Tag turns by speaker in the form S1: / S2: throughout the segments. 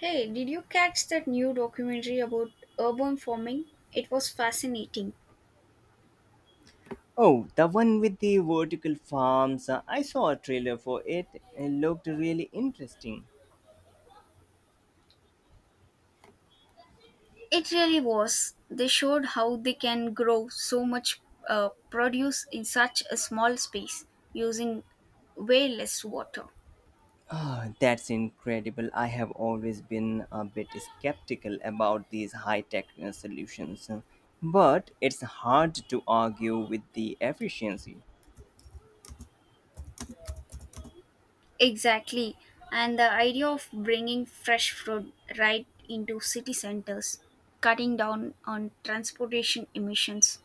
S1: Hey, did you catch that new documentary about urban farming? It was fascinating.
S2: Oh, the one with the vertical farms. I saw a trailer for it. It looked really interesting.
S1: It really was. They showed how they can grow so much produce in such a small space using way less water.
S2: Ah, that's incredible. I have always been a bit skeptical about these high tech solutions, but it's hard to argue with the efficiency.
S1: Exactly. And the idea of bringing fresh fruit right into city centers, cutting down on transportation emissions.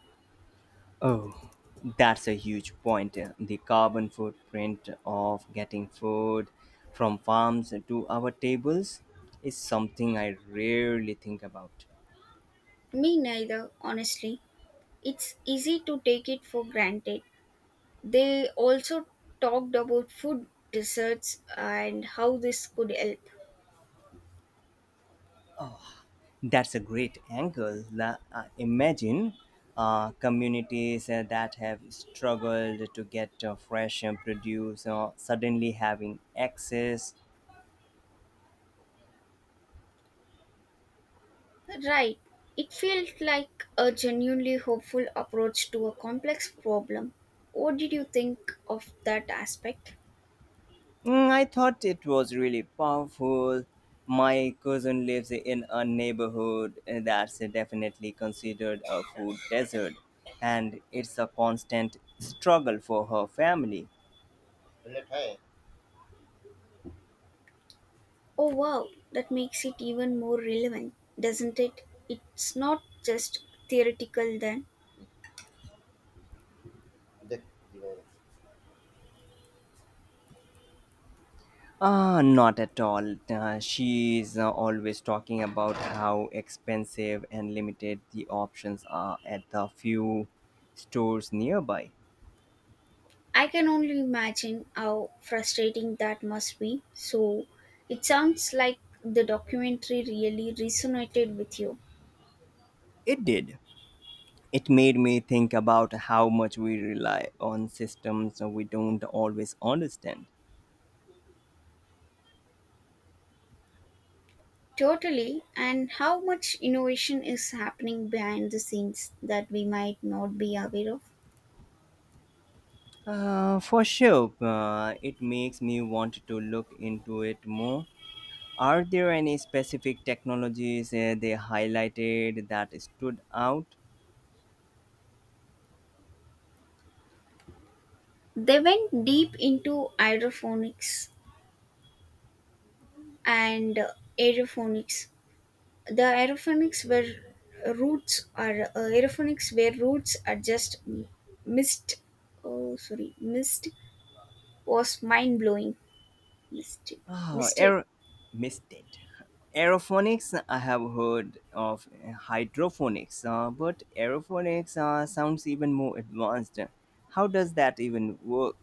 S2: Oh, that's a huge point. The carbon footprint of getting food from farms to our tables is something I rarely think about.
S1: Me neither, honestly. It's easy to take it for granted. They also talked about food deserts and how this could help.
S2: That's a great angle. Imagine communities that have struggled to get fresh produce suddenly having access.
S1: Right. It felt like a genuinely hopeful approach to a complex problem. What did you think of that aspect?
S2: Mm, I thought it was really powerful. My cousin lives in a neighborhood that's definitely considered a food desert, and it's a constant struggle for her family.
S1: Oh, wow, that makes it even more relevant, doesn't it? It's not just theoretical then.
S2: Not at all. She is always talking about how expensive and limited the options are at the few stores nearby.
S1: I can only imagine how frustrating that must be. So, it sounds like the documentary really resonated with you.
S2: It did. It made me think about how much we rely on systems we don't always understand.
S1: Totally, and how much innovation is happening behind the scenes that we might not be aware of.
S2: For sure, it makes me want to look into it more. Are there any specific technologies they highlighted that stood out?
S1: They went deep into hydroponics and aeroponics. The aeroponics where roots are Aeroponics where roots are just missed. Oh, sorry, missed was mind blowing. Missed,
S2: Oh,
S1: missed it.
S2: aer- Missed it. Aerophonics, I have heard of hydroponics, but aerophonics sounds even more advanced. How does that even work?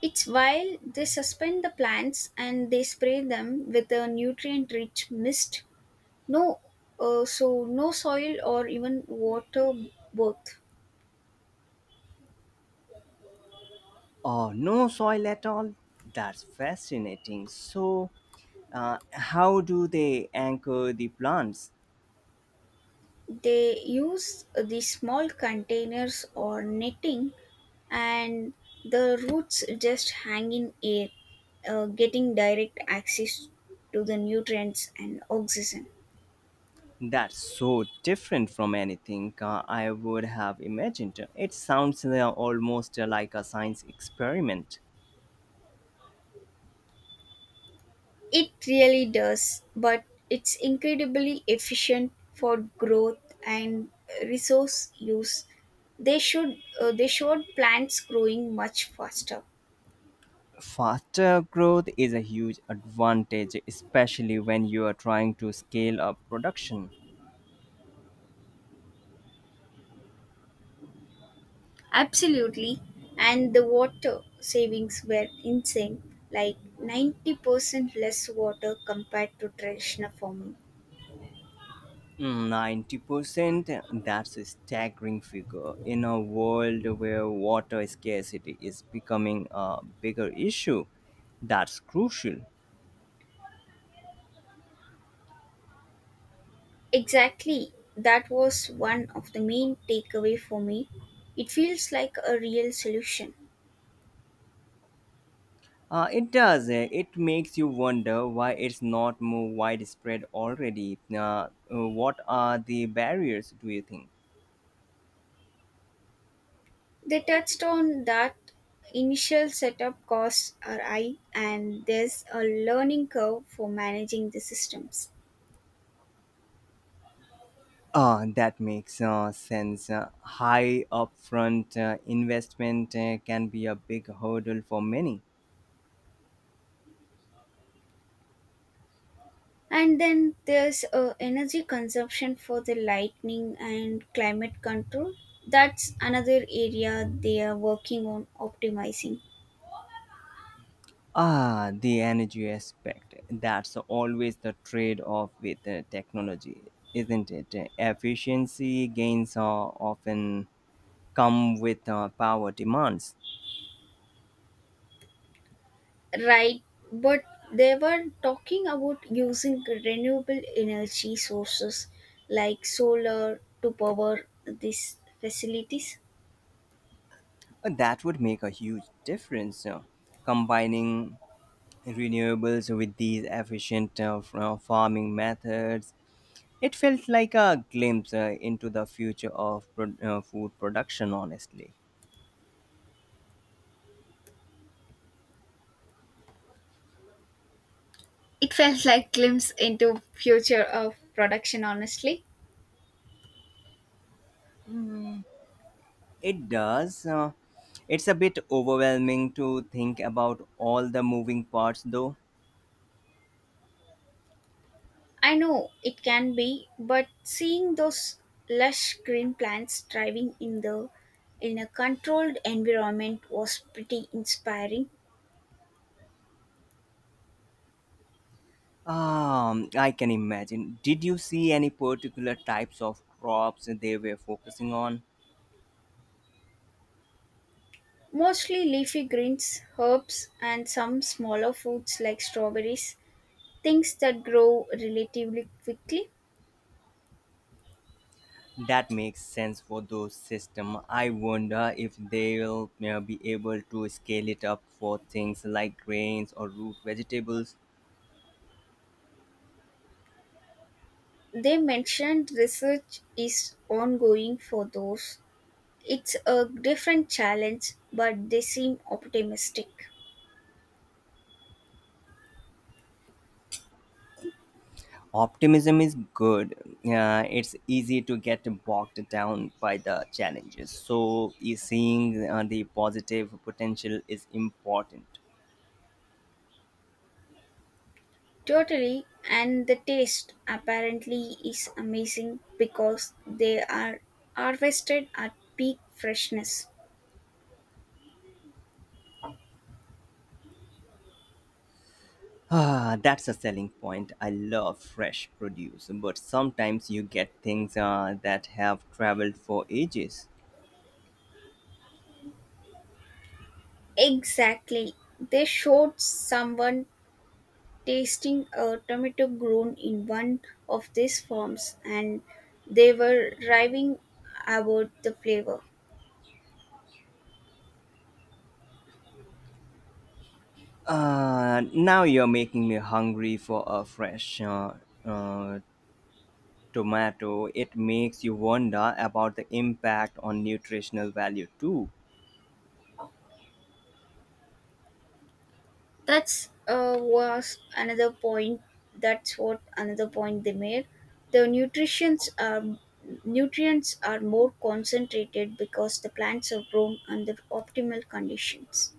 S1: It's while they suspend the plants and they spray them with a nutrient rich mist. No, so no soil or even water both.
S2: Oh, no soil at all? That's fascinating. So, how do they anchor the plants?
S1: They use the small containers or netting, and the roots just hang in air, getting direct access to the nutrients and oxygen.
S2: That's so different from anything I would have imagined. It sounds almost like a science experiment.
S1: It really does, but it's incredibly efficient for growth and resource use. They showed plants growing much faster.
S2: Faster growth is a huge advantage, especially when you are trying to scale up production.
S1: Absolutely. And the water savings were insane, like 90% less water compared to traditional farming.
S2: 90%, that's a staggering figure in a world where water scarcity is becoming a bigger issue. That's crucial.
S1: Exactly. That was one of the main takeaway for me. It feels like a real solution.
S2: It does. It makes you wonder why it's not more widespread already. What are the barriers, do you think?
S1: They touched on that initial setup costs are high and there's a learning curve for managing the systems.
S2: That makes sense. High upfront investment can be a big hurdle for many.
S1: And then there's energy consumption for the lightning and climate control. That's another area they are working on optimizing.
S2: Ah, the energy aspect. That's always the trade off with technology, isn't it? Efficiency gains often come with power demands.
S1: Right, but they were talking about using renewable energy sources like solar to power these facilities.
S2: That would make a huge difference. Combining renewables with these efficient farming methods. It felt like a glimpse into the future of food production, honestly.
S1: It felt like glimpse into future of production honestly.
S2: Mm, it does. It's a bit overwhelming to think about all the moving parts, though.
S1: I know it can be, but seeing those lush green plants thriving in the in a controlled environment was pretty inspiring.
S2: I can imagine. Did you see any particular types of crops they were focusing on?
S1: Mostly leafy greens, herbs, and some smaller foods like strawberries, things that grow relatively quickly.
S2: That makes sense for those system. I wonder if they'll be able to scale it up for things like grains or root vegetables.
S1: They mentioned research is ongoing for those. It's a different challenge, but they seem optimistic.
S2: Optimism is good. It's easy to get bogged down by the challenges. So, is seeing the positive potential is important.
S1: Totally, and the taste apparently is amazing because they are harvested at peak freshness.
S2: Ah, that's a selling point. I love fresh produce, but sometimes you get things that have traveled for ages.
S1: Exactly. They showed someone tasting a tomato grown in one of these farms and they were raving about the flavor.
S2: Now you're making me hungry for a fresh uh, tomato. It makes you wonder about the impact on nutritional value too.
S1: That's was another point. That's what another point they made. The nutritions are Nutrients are more concentrated because the plants are grown under optimal conditions.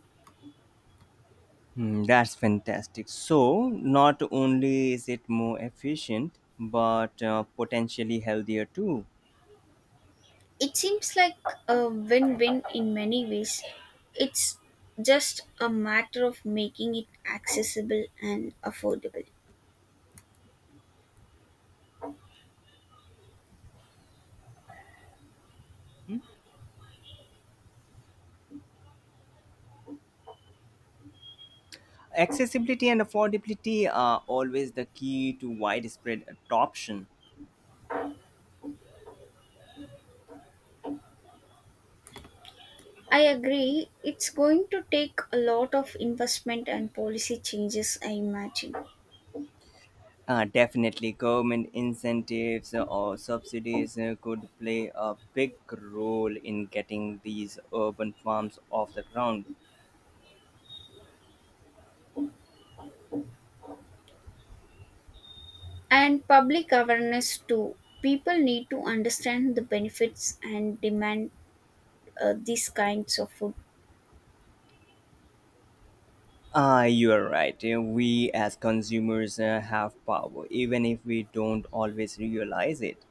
S2: Hmm, that's fantastic. So, not only is it more efficient, but potentially healthier too.
S1: It seems like a win-win in many ways. It's just a matter of making it accessible and affordable.
S2: Hmm? Accessibility and affordability are always the key to widespread adoption.
S1: I agree. It's going to take a lot of investment and policy changes, I imagine.
S2: Definitely, government incentives or subsidies could play a big role in getting these urban farms off the ground.
S1: And public awareness too. People need to understand the benefits and demand these kinds of food.
S2: Ah, you are right. We as consumers have power, even if we don't always realize it.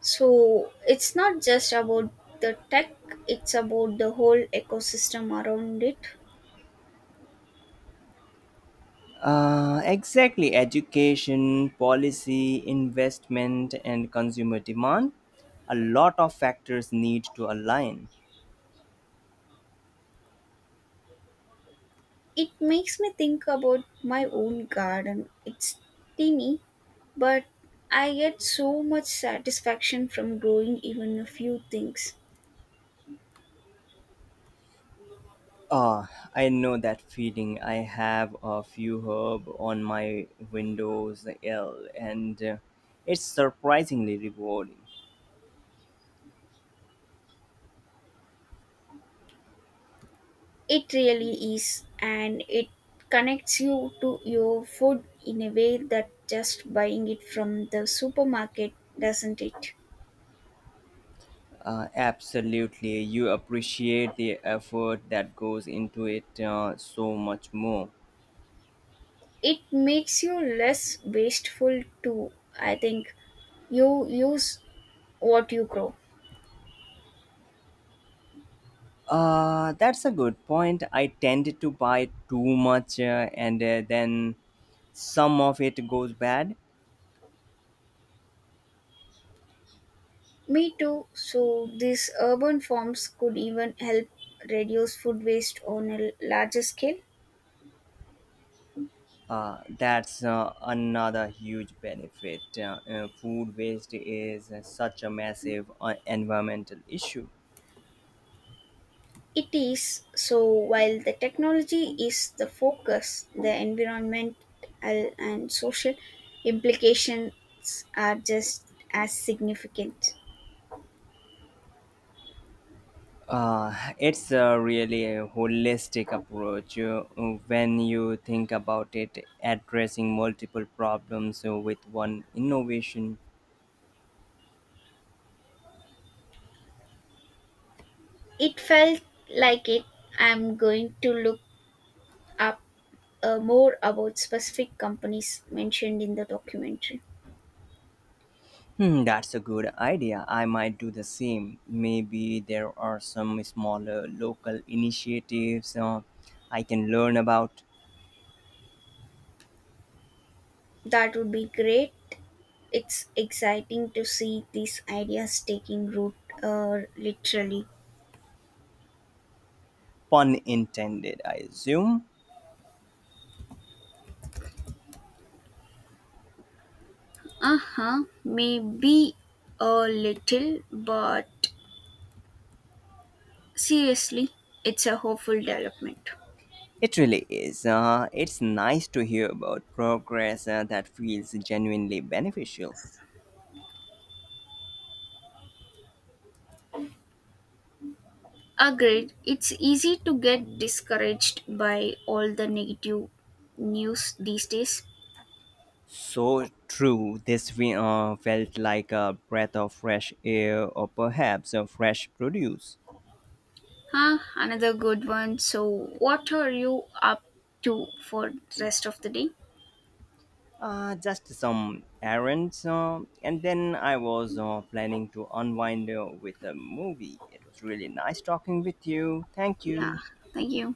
S1: So it's not just about the tech, it's about the whole ecosystem around it.
S2: Exactly, education, policy, investment, and consumer demand. A lot of factors need to align.
S1: It makes me think about my own garden. It's teeny, but I get so much satisfaction from growing even a few things.
S2: Ah, I know that feeling. I have a few herb on my Windows L, and it's surprisingly rewarding.
S1: It really is, and it connects you to your food in a way that just buying it from the supermarket doesn't it?
S2: Absolutely, you appreciate the effort that goes into it so much more.
S1: It makes you less wasteful too. I think you use what you grow.
S2: That's a good point. I tend to buy too much and then some of it goes bad.
S1: Me too. So these urban farms could even help reduce food waste on a larger scale.
S2: That's another huge benefit. Food waste is such a massive environmental issue.
S1: It is, so while the technology is the focus, the environmental and social implications are just as significant.
S2: It's a really a holistic approach when you think about it, addressing multiple problems with one innovation.
S1: It felt like it. I'm going to look up more about specific companies mentioned in the documentary.
S2: Hmm, that's a good idea. I might do the same. Maybe there are some smaller local initiatives I can learn about.
S1: That would be great. It's exciting to see these ideas taking root, literally.
S2: Pun intended, I assume.
S1: Uh huh, maybe a little, but seriously, it's a hopeful development.
S2: It really is. It's nice to hear about progress that feels genuinely beneficial.
S1: Agreed, it's easy to get discouraged by all the negative news these days.
S2: So true. Felt like a breath of fresh air or perhaps a fresh produce.
S1: Huh, another good one. So, what are you up to for the rest of the day?
S2: Just some errands, and then I was planning to unwind with a movie. It was really nice talking with you. Thank
S1: Yeah,
S2: you.
S1: thank you.